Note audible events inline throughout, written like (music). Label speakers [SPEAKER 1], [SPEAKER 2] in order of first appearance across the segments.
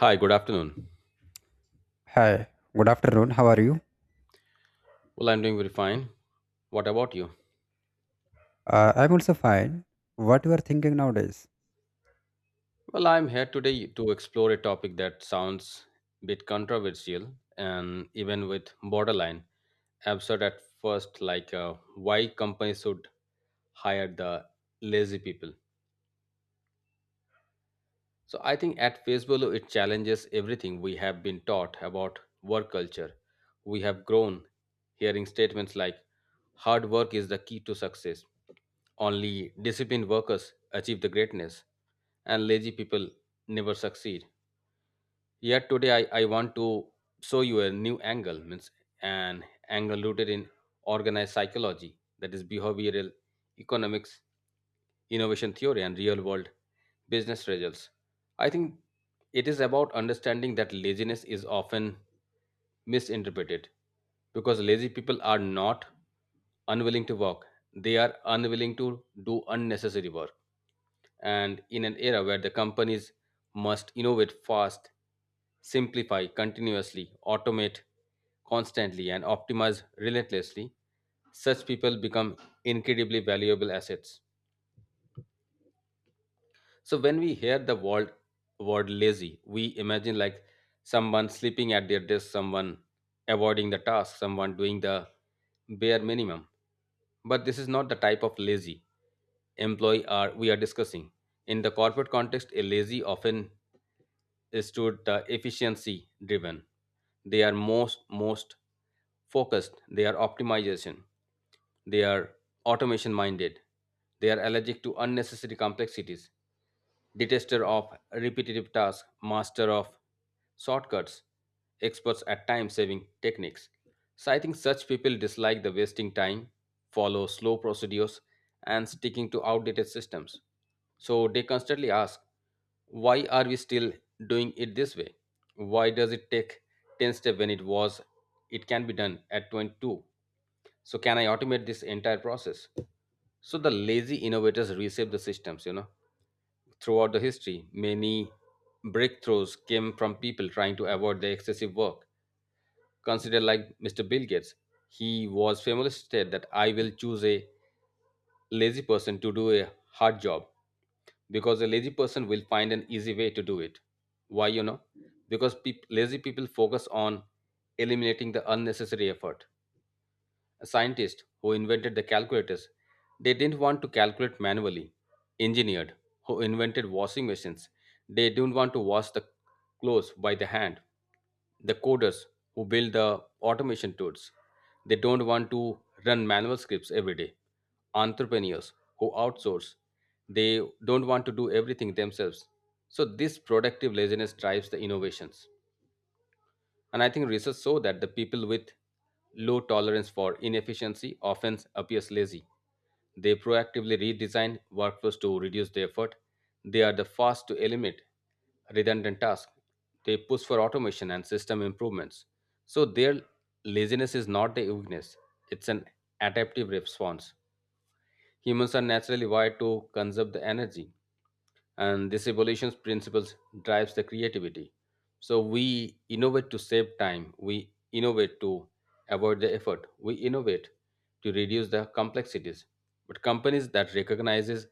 [SPEAKER 1] Hi, good afternoon.
[SPEAKER 2] Hi, good afternoon. How are you?
[SPEAKER 1] Well, I'm doing very fine. What about you?
[SPEAKER 2] I'm also fine. What you are thinking nowadays?
[SPEAKER 1] Well, I'm here today to explore a topic that sounds a bit controversial and even with borderline absurd at first, like why companies should hire the lazy people. So I think at face value, it challenges everything we have been taught about work culture. We have grown hearing statements like hard work is the key to success. Only disciplined workers achieve the greatness and lazy people never succeed. Yet today I want to show you a new angle, means an angle rooted in organized psychology, that is behavioral economics, innovation theory, and real world business results. I think it is about understanding that laziness is often misinterpreted because lazy people are not unwilling to work, they are unwilling to do unnecessary work and in an era where the companies must innovate fast, simplify continuously, automate constantly, and optimize relentlessly, such people become incredibly valuable assets. So when we hear the word lazy, we imagine like someone sleeping at their desk, someone avoiding the task, someone doing the bare minimum. But this is not the type of lazy employee are we are discussing. In the corporate context, a lazy often is stood the efficiency driven. They are most focused, they are optimization, they are automation minded, they are allergic to unnecessary complexities detester of repetitive tasks, master of shortcuts, experts at time saving techniques. So I think such people dislike the wasting time, follow slow procedures, and sticking to outdated systems. So they constantly ask, why are we still doing it this way? Why does it take 10 steps when it can be done at 22? So can I automate this entire process? So the lazy innovators reshape the systems. Throughout the history, many breakthroughs came from people trying to avoid the excessive work. Consider like Mr. Bill Gates. He was famously said that I will choose a lazy person to do a hard job because a lazy person will find an easy way to do it. Why, you know? Because peop lazy people focus on eliminating the unnecessary effort scientists who invented the calculators, they didn't want to calculate manually. Engineers who invented washing machines, they didn't want to wash the clothes by the hand. The coders who build the automation tools, they don't want to run manual scripts every day. Entrepreneurs who outsource, they don't want to do everything themselves. So this productive laziness drives the innovations. And I think research show that the people with low tolerance for inefficiency often appears lazy. They proactively redesign workflows to reduce the effort. They are the first to eliminate redundant tasks. They push for automation and system improvements. So their laziness is not a weakness, it's an adaptive response. Humans are naturally wired to conserve the energy and this evolution's principles drives the creativity, so we innovate to save time, we innovate to avoid the effort, we innovate to reduce the complexities, but companies that recognizes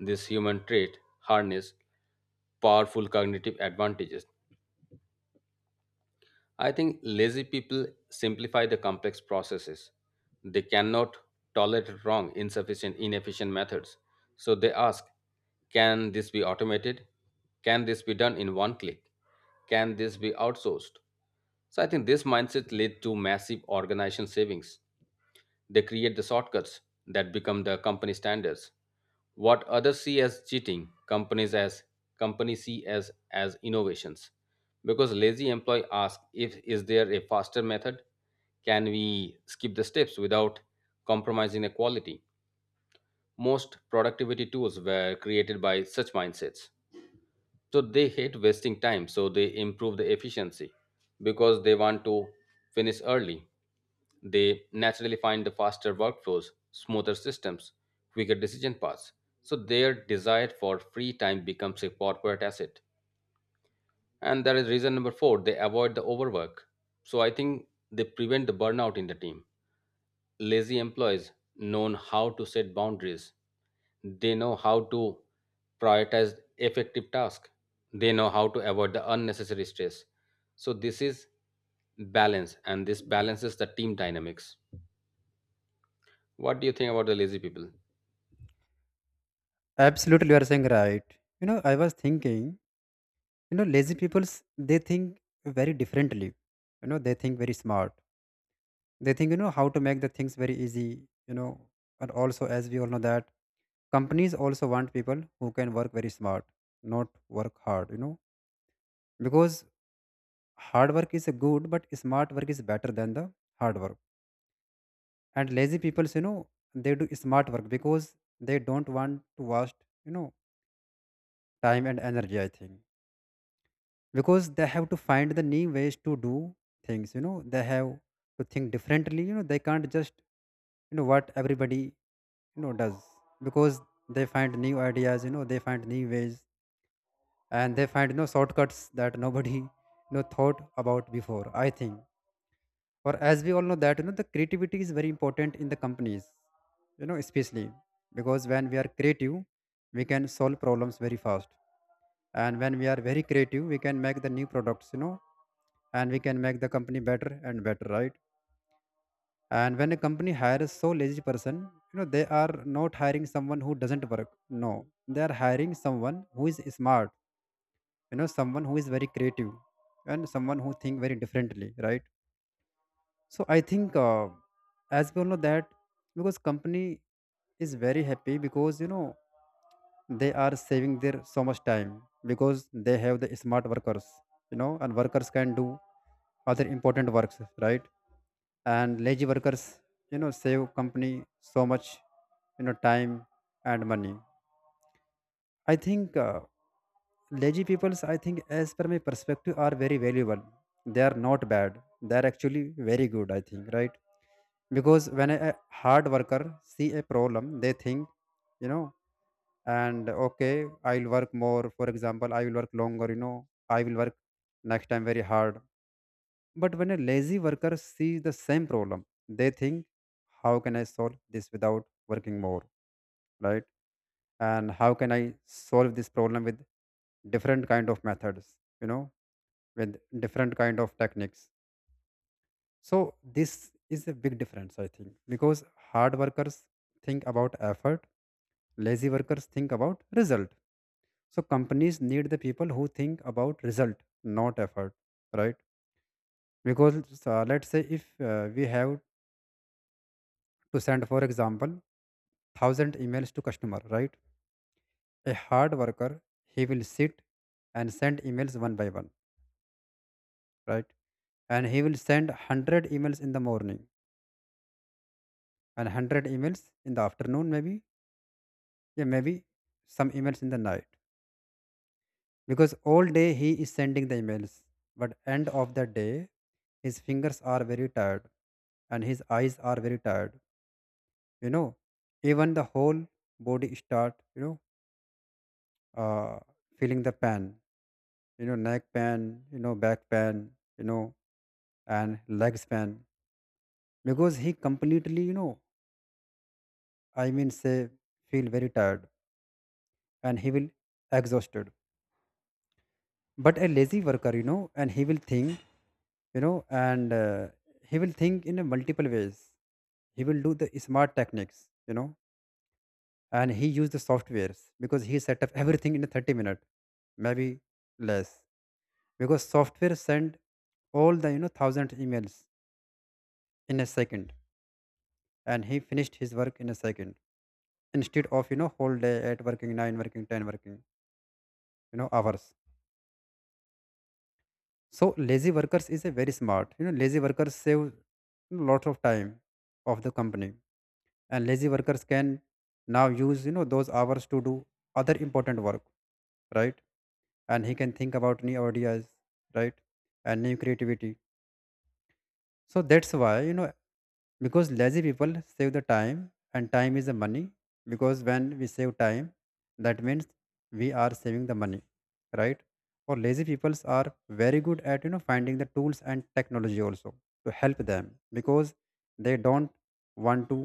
[SPEAKER 1] this human trait harness powerful cognitive advantages. I think lazy people simplify the complex processes. They cannot tolerate wrong, insufficient, inefficient methods. So they ask, can this be automated? Can this be done in one click? Can this be outsourced? So I think this mindset led to massive organization savings. They create the shortcuts that become the company standards. What others see as cheating, companies see as innovations. Because lazy employee asks if is there a faster method? Can we skip the steps without compromising the quality? Most productivity tools were created by such mindsets. So they hate wasting time, so they improve the efficiency because they want to finish early. They naturally find the faster workflows, smoother systems, quicker decision paths. So their desire for free time becomes a corporate asset. And that is reason number four, they avoid the overwork. So I think they prevent the burnout in the team. Lazy employees know how to set boundaries. They know how to prioritize effective tasks. They know how to avoid the unnecessary stress. So this is balance and this balances the team dynamics. What do you think about the lazy people?
[SPEAKER 2] Absolutely, you are saying right. You know, I was thinking. You know, lazy people's they think very differently. You know, they think very smart. They think you know how to make the things very easy. You know, and also as we all know that companies also want people who can work very smart, not work hard. You know, because hard work is good, but smart work is better than the hard work. And lazy people, you know, they do smart work because they don't want to waste, you know, time and energy, I think, because they have to find the new ways to do things, you know, they have to think differently, you know, they can't just, you know, what everybody, you know, does because they find new ideas, you know, they find new ways and they find, you know, shortcuts that nobody, you know, thought about before, I think. For as we all know that, you know, the creativity is very important in the companies, you know, especially because when we are creative we can solve problems very fast, and when we are very creative we can make the new products, you know, and we can make the company better and better, right? And when a company hires so lazy person, you know, they are not hiring someone who doesn't work. No, they are hiring someone who is smart, you know, someone who is very creative, and someone who think very differently, right? So I think as we all know that because company is very happy because, you know, they are saving their so much time because they have the smart workers, you know, and workers can do other important works, right? And lazy workers, you know, save company so much, you know, time and money, I think. Lazy peoples, I think as per my perspective, are very valuable. They are not bad, they are actually very good, I think, right? Because when a hard worker see a problem they think, you know, and okay, I will work more, for example, I will work longer, you know, I will work next time very hard. But when a lazy worker sees the same problem, they think, how can I solve this without working more, right? And how can I solve this problem with different kind of methods, you know, with different kind of techniques. So this is a big difference, I think, because hard workers think about effort, lazy workers think about result. So companies need the people who think about result, not effort, right? Because let's say if we have to send, for example, 1000 emails to customer, right? A hard worker, he will sit and send emails one by one, right? And he will send 100 emails in the morning and 100 emails in the afternoon, maybe. Yeah, maybe some emails in the night. Because all day he is sending the emails. But end of the day, his fingers are very tired and his eyes are very tired. You know, even the whole body start, you know, feeling the pain, you know, neck pain, you know, back pain, you know, and legs pain. Because he completely, you know, I mean say feel very tired and he will exhausted. But a lazy worker, you know, and he will think, you know, and he will think in a multiple ways, he will do the smart techniques, you know, and he use the softwares because he set up everything in a 30 minute, maybe less, because software send all the, you know, thousand emails in a second and he finished his work in a second instead of, you know, whole day at working nine, working ten, working, you know, hours. So lazy workers is a very smart, you know, lazy workers save lot of time of the company, and lazy workers can now use, you know, those hours to do other important work, right? And he can think about new ideas, right? And new creativity. So that's why, you know, because lazy people save the time and time is the money, because when we save time, that means we are saving the money, right? Or lazy peoples are very good at, you know, finding the tools and technology also to help them because they don't want to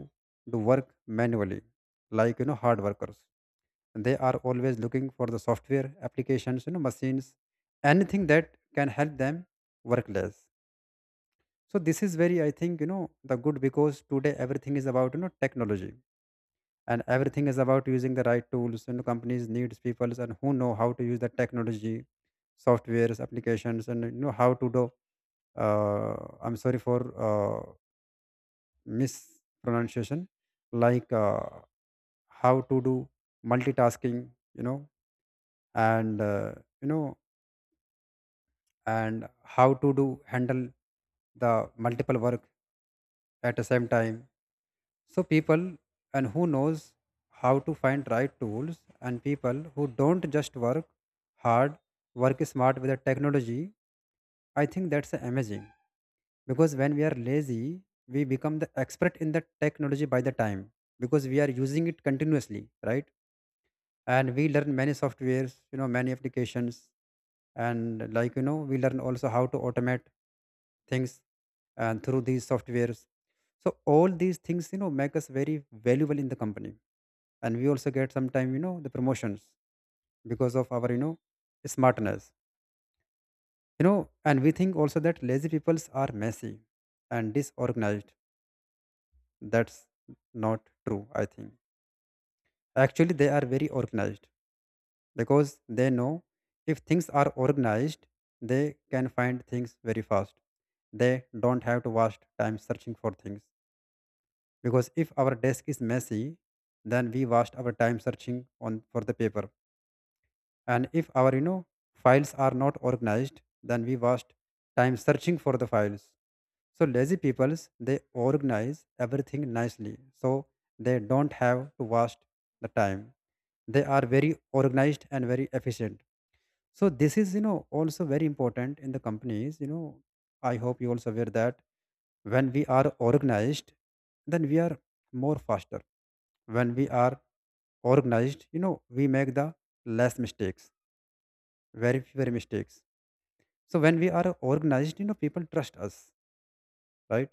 [SPEAKER 2] do work manually, like, you know, hard workers. They are always looking for the software applications, you know, machines, anything that can help them work less. So this is very, I think, you know, the good because today everything is about, you know, technology, and everything is about using the right tools, you know, companies needs people and who know how to use the technology, softwares applications, and you know how to do, uh, I'm sorry for uh, mispronunciation, like, how to do multitasking, you know, and, you know, and how to do handle the multiple work at the same time. So people and who knows how to find right tools and people who don't just work hard, work smart with the technology, I think that's amazing. Because when we are lazy, we become the expert in the technology by the time because we are using it continuously, right? And we learn many softwares, you know, many applications, and, like, you know, we learn also how to automate things and through these softwares. So all these things, you know, make us very valuable in the company, and we also get sometime, you know, the promotions because of our, you know, smartness. You know, and we think also that lazy peoples are messy and disorganized. That's not true, I think. Actually they are very organized because they know if things are organized, they can find things very fast. They don't have to waste time searching for things because if our desk is messy, then we waste our time searching on for the paper. And if our, you know, files are not organized, then we waste time searching for the files. So lazy peoples they organize everything nicely, so they don't have to waste the time. They are very organized and very efficient. So this is, you know, also very important in the companies. You know, I hope you also aware that when we are organized, then we are more faster. When we are organized, you know, we make the less mistakes, very fewer mistakes. So when we are organized, you know, people trust us, right?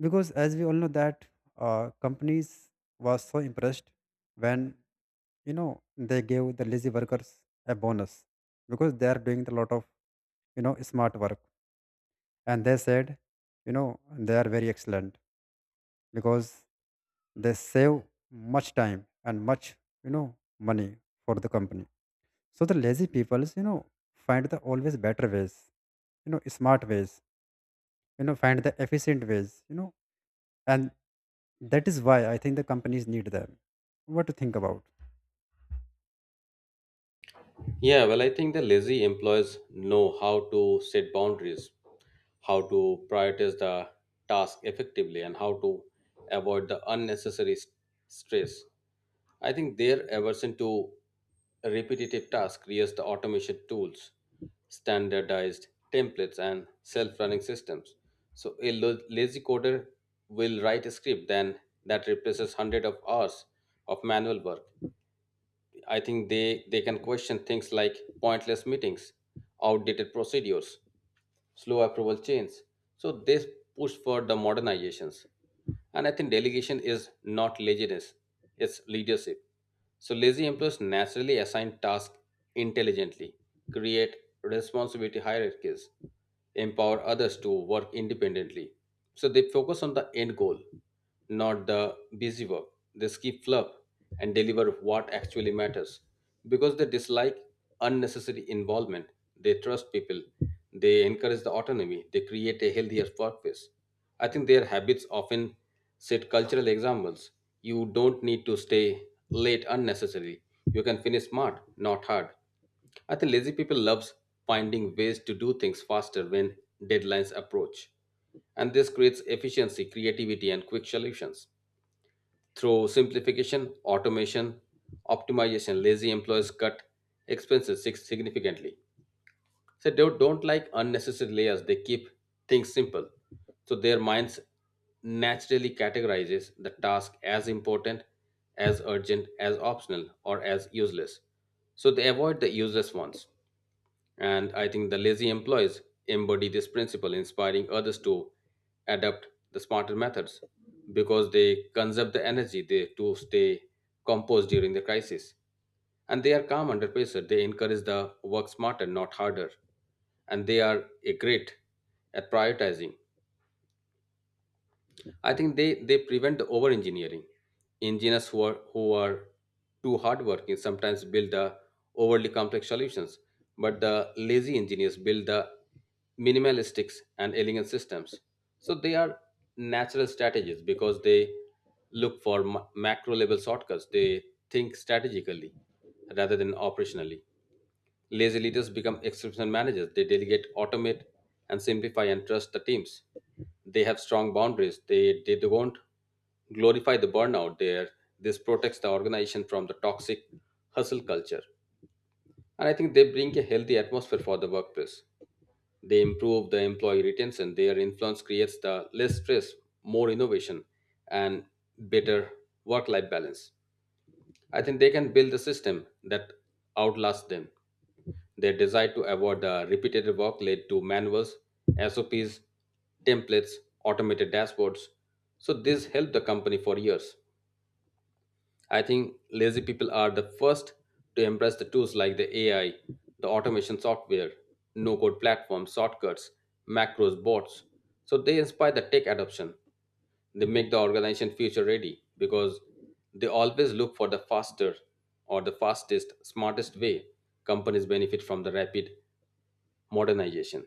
[SPEAKER 2] Because as we all know that companies was so impressed when, you know, they gave the lazy workers a bonus because they are doing a lot of, you know, smart work, and they said, you know, they are very excellent because they save much time and much, you know, money for the company. So the lazy peoples, you know, find the always better ways, you know, smart ways, you know, find the efficient ways, you know, and that is why I think the companies need them. What to think about?
[SPEAKER 1] Yeah, well, I think the lazy employees know how to set boundaries, how to prioritize the task effectively, and how to avoid the unnecessary stress. I think their aversion to repetitive tasks creates the automation tools, standardized templates, and self running systems. So, a lazy coder will write a script then that replaces hundreds of hours of manual work. I think they can question things like pointless meetings, outdated procedures, slow approval chains. So they push for the modernizations. And I think delegation is not laziness, it's leadership. So lazy employees naturally assign tasks intelligently, create responsibility hierarchies, empower others to work independently. So they focus on the end goal not the busy work. They skip fluff and deliver what actually matters. Because they dislike unnecessary involvement, they trust people, they encourage the autonomy, they create a healthier workplace. I think their habits often set cultural examples. You don't need to stay late unnecessarily. You can finish smart, not hard. I think lazy people loves finding ways to do things faster when deadlines approach. And this creates efficiency, creativity, and quick solutions. Through simplification, automation, optimization, lazy employees cut expenses significantly. So they don't like unnecessary layers. They keep things simple. So their minds naturally categorizes the task as important, as urgent, as optional, or as useless. So they avoid the useless ones. And I think the lazy employees embody this principle, inspiring others to adopt the smarter methods because they conserve the energy to stay composed during the crisis. And they are calm under pressure. They encourage the work smarter, not harder. And they are a great at prioritizing. I think they prevent the over engineering. Engineers who are too hardworking sometimes build the overly complex solutions, but the lazy engineers build the minimalistic and elegant systems. So they are natural strategies because they look for macro level shortcuts. They think strategically rather than operationally. Lazy leaders become exceptional managers. They delegate, automate, and simplify and trust the teams. They have strong boundaries. They don't glorify the burnout there. This protects the organization from the toxic hustle culture. And I think they bring a healthy atmosphere for the workplace. They improve the employee retention. Their influence creates the less stress, more innovation, and better work life balance. I think they can build a system that outlasts them. Their desire to avoid the repetitive work led to manuals, SOPs, templates, automated dashboards. So this helped the company for years. I think lazy people are the first to embrace the tools like the AI, the automation software, no code platforms, shortcuts, macros, bots. So they inspire the tech adoption. They make the organization future ready because they always look for the faster or the fastest, smartest way. Companies benefit from the rapid modernization.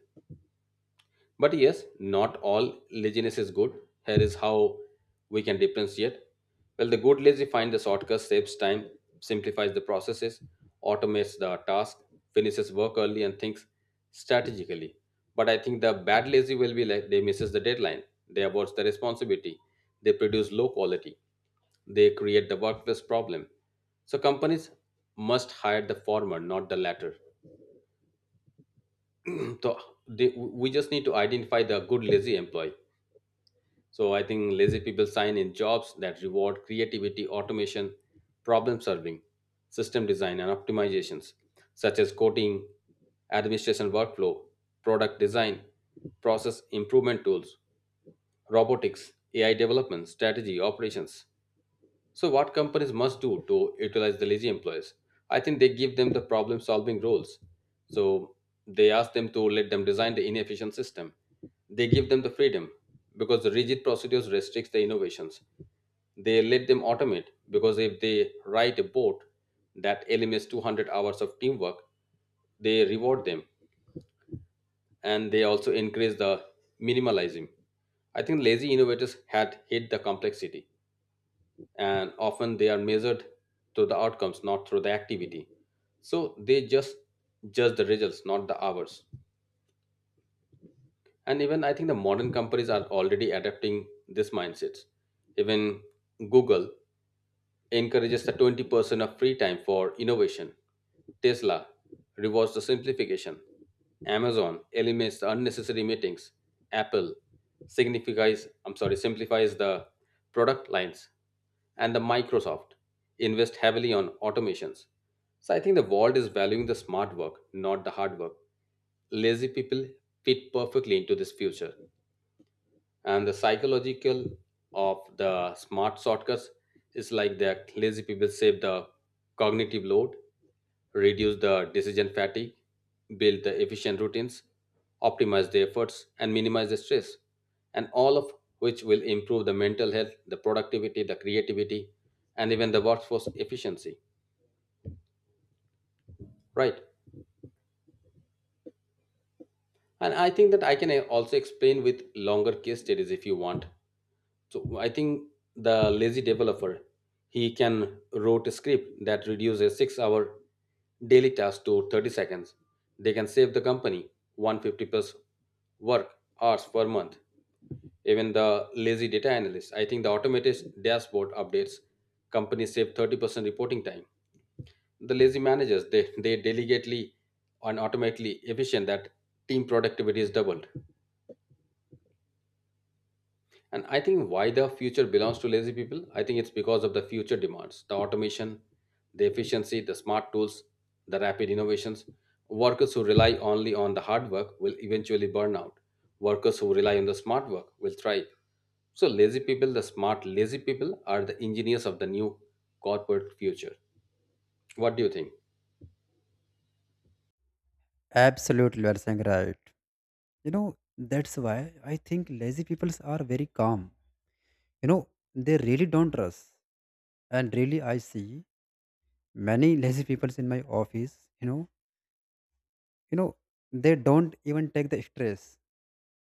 [SPEAKER 1] But yes, not all laziness is good. Here is how we can differentiate. Well, the good lazy find the shortcut, saves time, simplifies the processes, automates the task, finishes work early, and thinks strategically. But I think the bad lazy will be like they misses the deadline, they avoid the responsibility, they produce low quality, they create the workplace problem. So companies must hire the former, not the latter. (clears throat) So we just need to identify the good lazy employee. So I think lazy people sign in jobs that reward creativity, automation, problem solving, system design, and optimizations, such as coding, administration workflow, product design, process improvement tools, robotics, AI development, strategy, operations. So, what companies must do to utilize the lazy employees? I think they give them the problem solving roles. So, they ask them to let them design the inefficient system. They give them the freedom because the rigid procedures restricts the innovations. They let them automate because if they write a bot that eliminates 200 hours of teamwork, they reward them and they also increase the minimalism. I think lazy innovators had hit the complexity and often they are measured through the outcomes not through the activity. So they just judge the results, not the hours. And even I think the modern companies are already adapting this mindset. Even Google encourages the 20% of free time for innovation. Tesla rewards the simplification. Amazon eliminates the unnecessary meetings. Apple signifies, I'm sorry, simplifies the product lines. And the Microsoft invest heavily on automations. So I think the world is valuing the smart work, not the hard work. Lazy people fit perfectly into this future and the psychological of the smart shortcuts is like that lazy people save the cognitive load, reduce the decision fatigue, build the efficient routines, optimize the efforts, and minimize the stress, and all of which will improve the mental health, the productivity, the creativity, and even the workforce efficiency, right? And I think that I can also explain with longer case studies if you want. So I think the lazy developer, he can wrote a script that reduces 6 hour daily task to 30 seconds. They can save the company 150 plus work hours per month. Even the lazy data analyst, I think the automated dashboard updates companies save 30% reporting time. The lazy managers, they delegately and automatically efficient that team productivity is doubled. And I think why the future belongs to lazy people, I think it's because of the future demands, the automation, the efficiency, the smart tools, the rapid innovations. Workers who rely only on the hard work will eventually burn out. Workers who rely on the smart work will thrive. So lazy people, the smart lazy people are the engineers of the new corporate future. What do you think?
[SPEAKER 2] Absolutely, you are saying right. You know, that's why I think lazy peoples are very calm, you know, they really don't rush, and really I see many lazy people in my office, you know, you know, they don't even take the stress,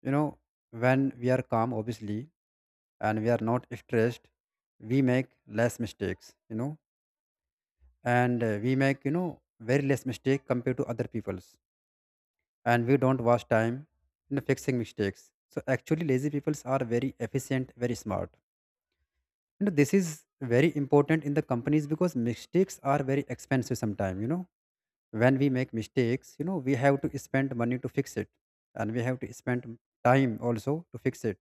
[SPEAKER 2] you know. When we are calm obviously and we are not stressed, we make less mistakes, you know, and we make, you know, very less mistake compared to other people's, and we don't waste time in fixing mistakes. So actually lazy peoples are very efficient, very smart. You know, this is very important in the companies because mistakes are very expensive sometimes, you know. When we make mistakes, you know, we have to spend money to fix it and we have to spend time also to fix it,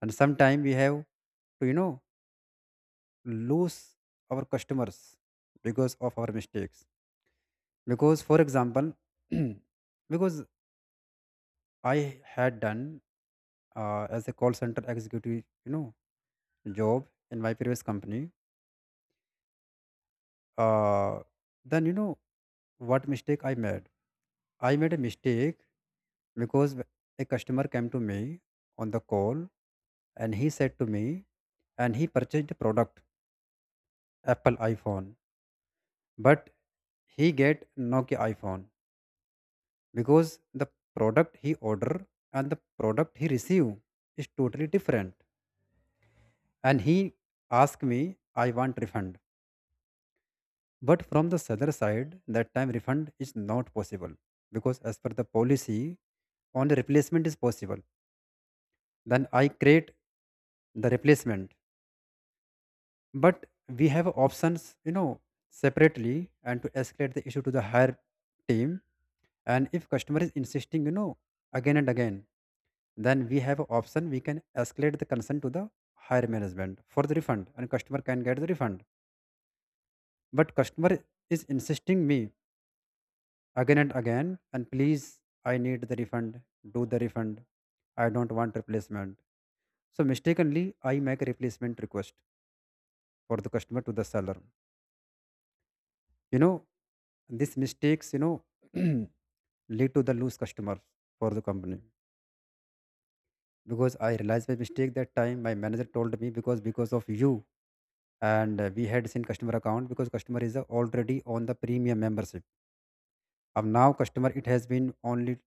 [SPEAKER 2] and sometimes we have to, you know, lose our customers because of our mistakes. Because for example, (clears throat) because I had done as a call center executive, you know, job in my previous company. uh, then, you know, what mistake I made, I made a mistake because a customer came to me on the call and he said to me, and he purchased the product, Apple iPhone, but he get Nokia iPhone because the product he order and the product he receive is totally different. And he asked me, I want refund. But from the seller side, that time refund is not possible because as per the policy only replacement is possible. Then I create the replacement, but we have options, you know, separately and to escalate the issue to the higher team. And if customer is insisting, you know, again and again, then we have option, we can escalate the concern to the higher management for the refund and customer can get the refund. But customer is insisting me again and again, and please, I need the refund, do the refund. I don't want replacement. So mistakenly I make a replacement request for the customer to the seller. You know, these mistakes, (clears throat) lead to the lose customer for the company. Because I realized by mistake that time my manager told me because of you. And we had seen customer account because customer is already on the premium membership. Of now customer it has been only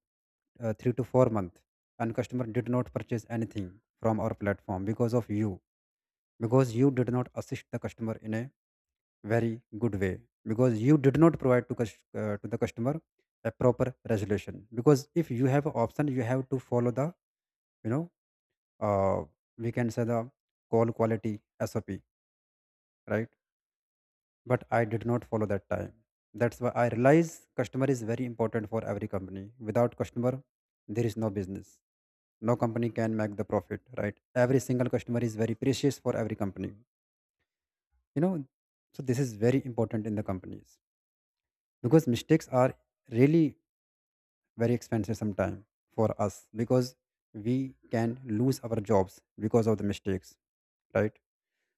[SPEAKER 2] 3 to 4 month and customer did not purchase anything from our platform because of you, because you did not assist the customer in a very good way, because you did not provide to, to the customer a proper resolution. Because if you have an option you have to follow the you know uh, we can say the call quality SOP, right? But I did not follow that time. That's why I realize customer is very important for every company. Without customer there is no business. No company can make the profit, right? Every single customer is very precious for every company, you know so this is very important in the companies. Because mistakes are really very expensive sometime for us, because we can lose our jobs because of the mistakes, right?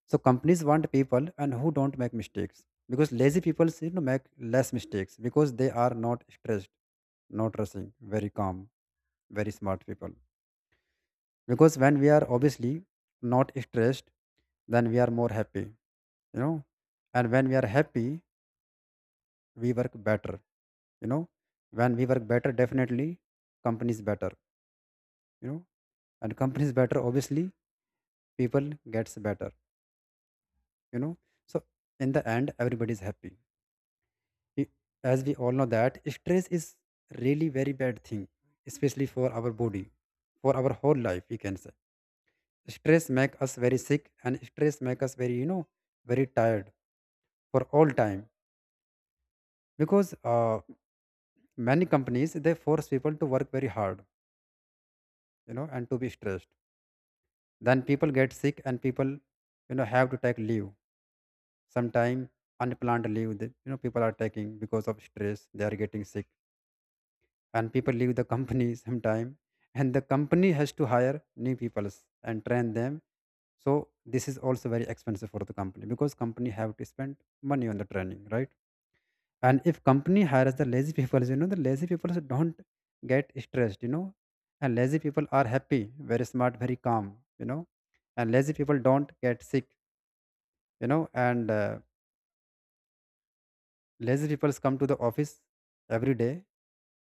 [SPEAKER 2] So companies want people and who don't make mistakes. Because lazy people, make less mistakes because they are not stressed, not rushing, very calm, very smart people. Because when we are obviously not stressed, then we are more happy, and when we are happy we work better, you know when we work better definitely companies better, you know and company is better, obviously people gets better, you know so in the end everybody is happy. I- as we all know that stress is really very bad thing, especially for our body, for our whole life we can say. Stress make us very sick and stress make us very, very tired for all time. Because many companies they force people to work very hard, and to be stressed, then people get sick and people have to take leave. Sometimes unplanned leave that, people are taking because of stress, they are getting sick. And people leave the company (laughs) sometime, and the company has to hire new people and train them. So this is also very expensive for the company, because company have to spend money on the training, right? And if company hires the lazy (laughs) people, the lazy people don't get stressed, And lazy people are happy, very smart, very calm, And lazy people don't get sick, you know and lazy people come to the office every day,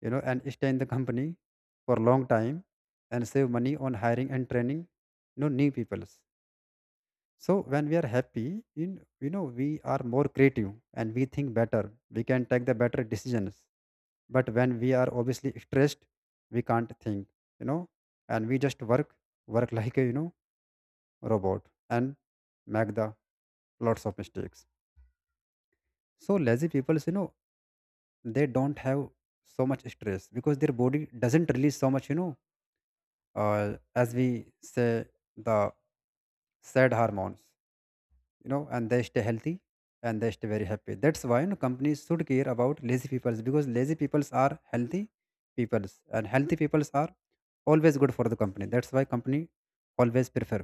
[SPEAKER 2] and stay in the company for long time and save money on hiring and training, new peoples. So when we are happy, in we are more creative and we think better. We can take the better decisions. But when we are obviously stressed, we can't think, you know, and we just work, work (laughs) like a robot and make the lots of mistakes. So lazy people, they don't have so much stress because their body doesn't release so much, as we say, the sad hormones, and they stay healthy and they stay very happy. That's why, companies should care about lazy peoples, because lazy peoples are healthy peoples, and healthy peoples are always good for the company. That's why company always prefer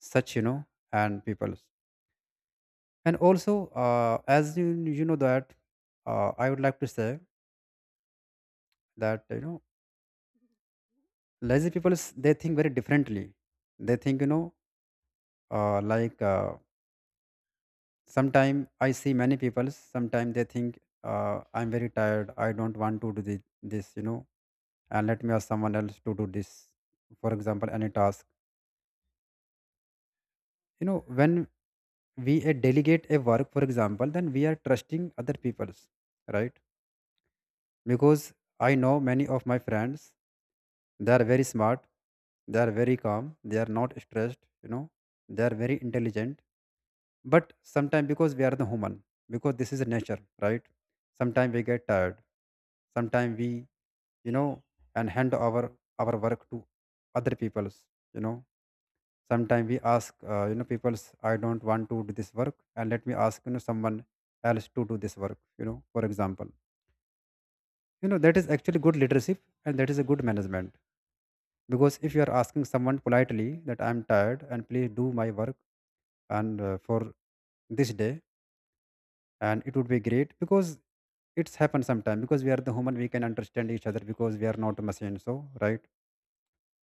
[SPEAKER 2] such, and peoples. And also as you, you know that, I would like to say that, lazy they think very differently. They think, uh, like uh, sometime I see many people. Sometimes they think, I'm very tired, I don't want to do this, you know, and let me ask someone else to do this, for example any task. You know, when we delegate a work for example, then we are trusting other people's, right? Because I know many of my friends, they are very smart, they are very calm, they are not stressed, they are very intelligent. But sometimes because we are the human, because this is a nature, right? Sometimes we get tired, sometimes we, you know and hand over our work to other people's, you know sometimes we ask, people's, I don't want to do this work and let me ask, someone else to do this work, you know, for example. You know, that is actually good leadership, and that is a good management. Because if you are asking someone politely that I'm tired and please do my work, and for this day, and it would be great. Because it's happened sometimes, because we are the human we can understand each other, because we are not a machine, so right.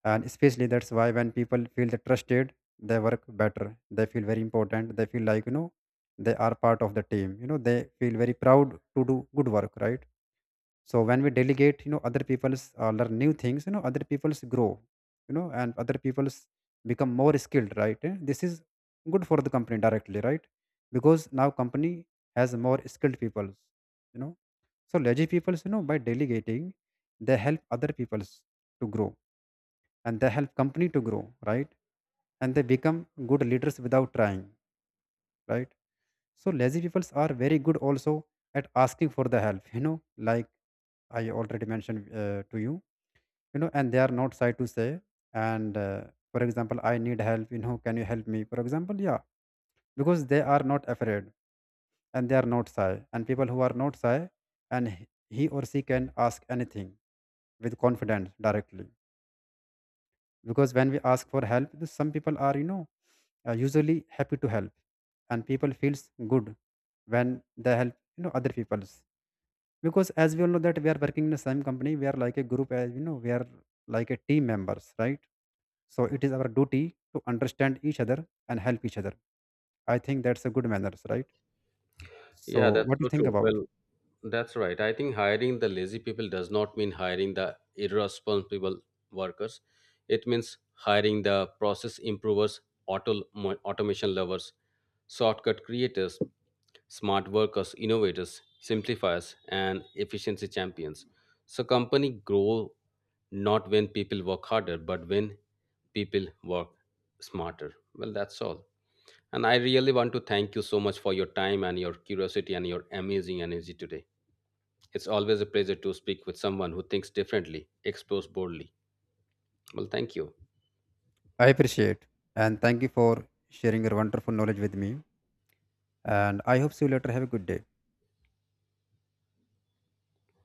[SPEAKER 2] And especially that's why when people feel the trusted, they work better, they feel very important, they feel like, they are part of the team, they feel very proud to do good work, right? So when we delegate, other people's learn new things, you know, other people's grow, and other people's become more skilled, right? Eh, this is good for the company directly, right? Because now company has more skilled peoples, you know so lazy peoples, by delegating they help other peoples to grow, and they help company to grow, right? And they become good leaders without trying, right? So lazy peoples are very good also at asking for the help, like I already mentioned to you, you know and they are not shy to say, and for example I need help, you know, can you help me for example, yeah. Because they are not afraid and they are not shy, and people who are not shy, and he or she can ask anything with confidence directly. Because when we ask for help, some people are, usually happy to help. And people feels good when they help, you know, other people's. Because as we all know that we are working in the same company, we are like a group, as you know we are like a team members, right? So it is our duty to understand each other and help each other. I think that's a good manners, right?
[SPEAKER 1] Yeah,
[SPEAKER 2] So
[SPEAKER 1] that's
[SPEAKER 2] what do
[SPEAKER 1] so
[SPEAKER 2] you think
[SPEAKER 1] true.
[SPEAKER 2] about?
[SPEAKER 1] Well, that's right. I think hiring the lazy people does not mean hiring the irresponsible workers. It means hiring the process improvers, automation lovers, shortcut creators, smart workers, innovators, simplifiers, and efficiency champions. So company grow not when people work harder, but when people work smarter. Well, that's all. And I really want to thank you so much for your time and your curiosity and your amazing energy today. It's always a pleasure to speak with someone who thinks differently, explores boldly. Well, thank you.
[SPEAKER 2] I appreciate, and thank you for sharing your wonderful knowledge with me. And I hope see you later. Have a good day.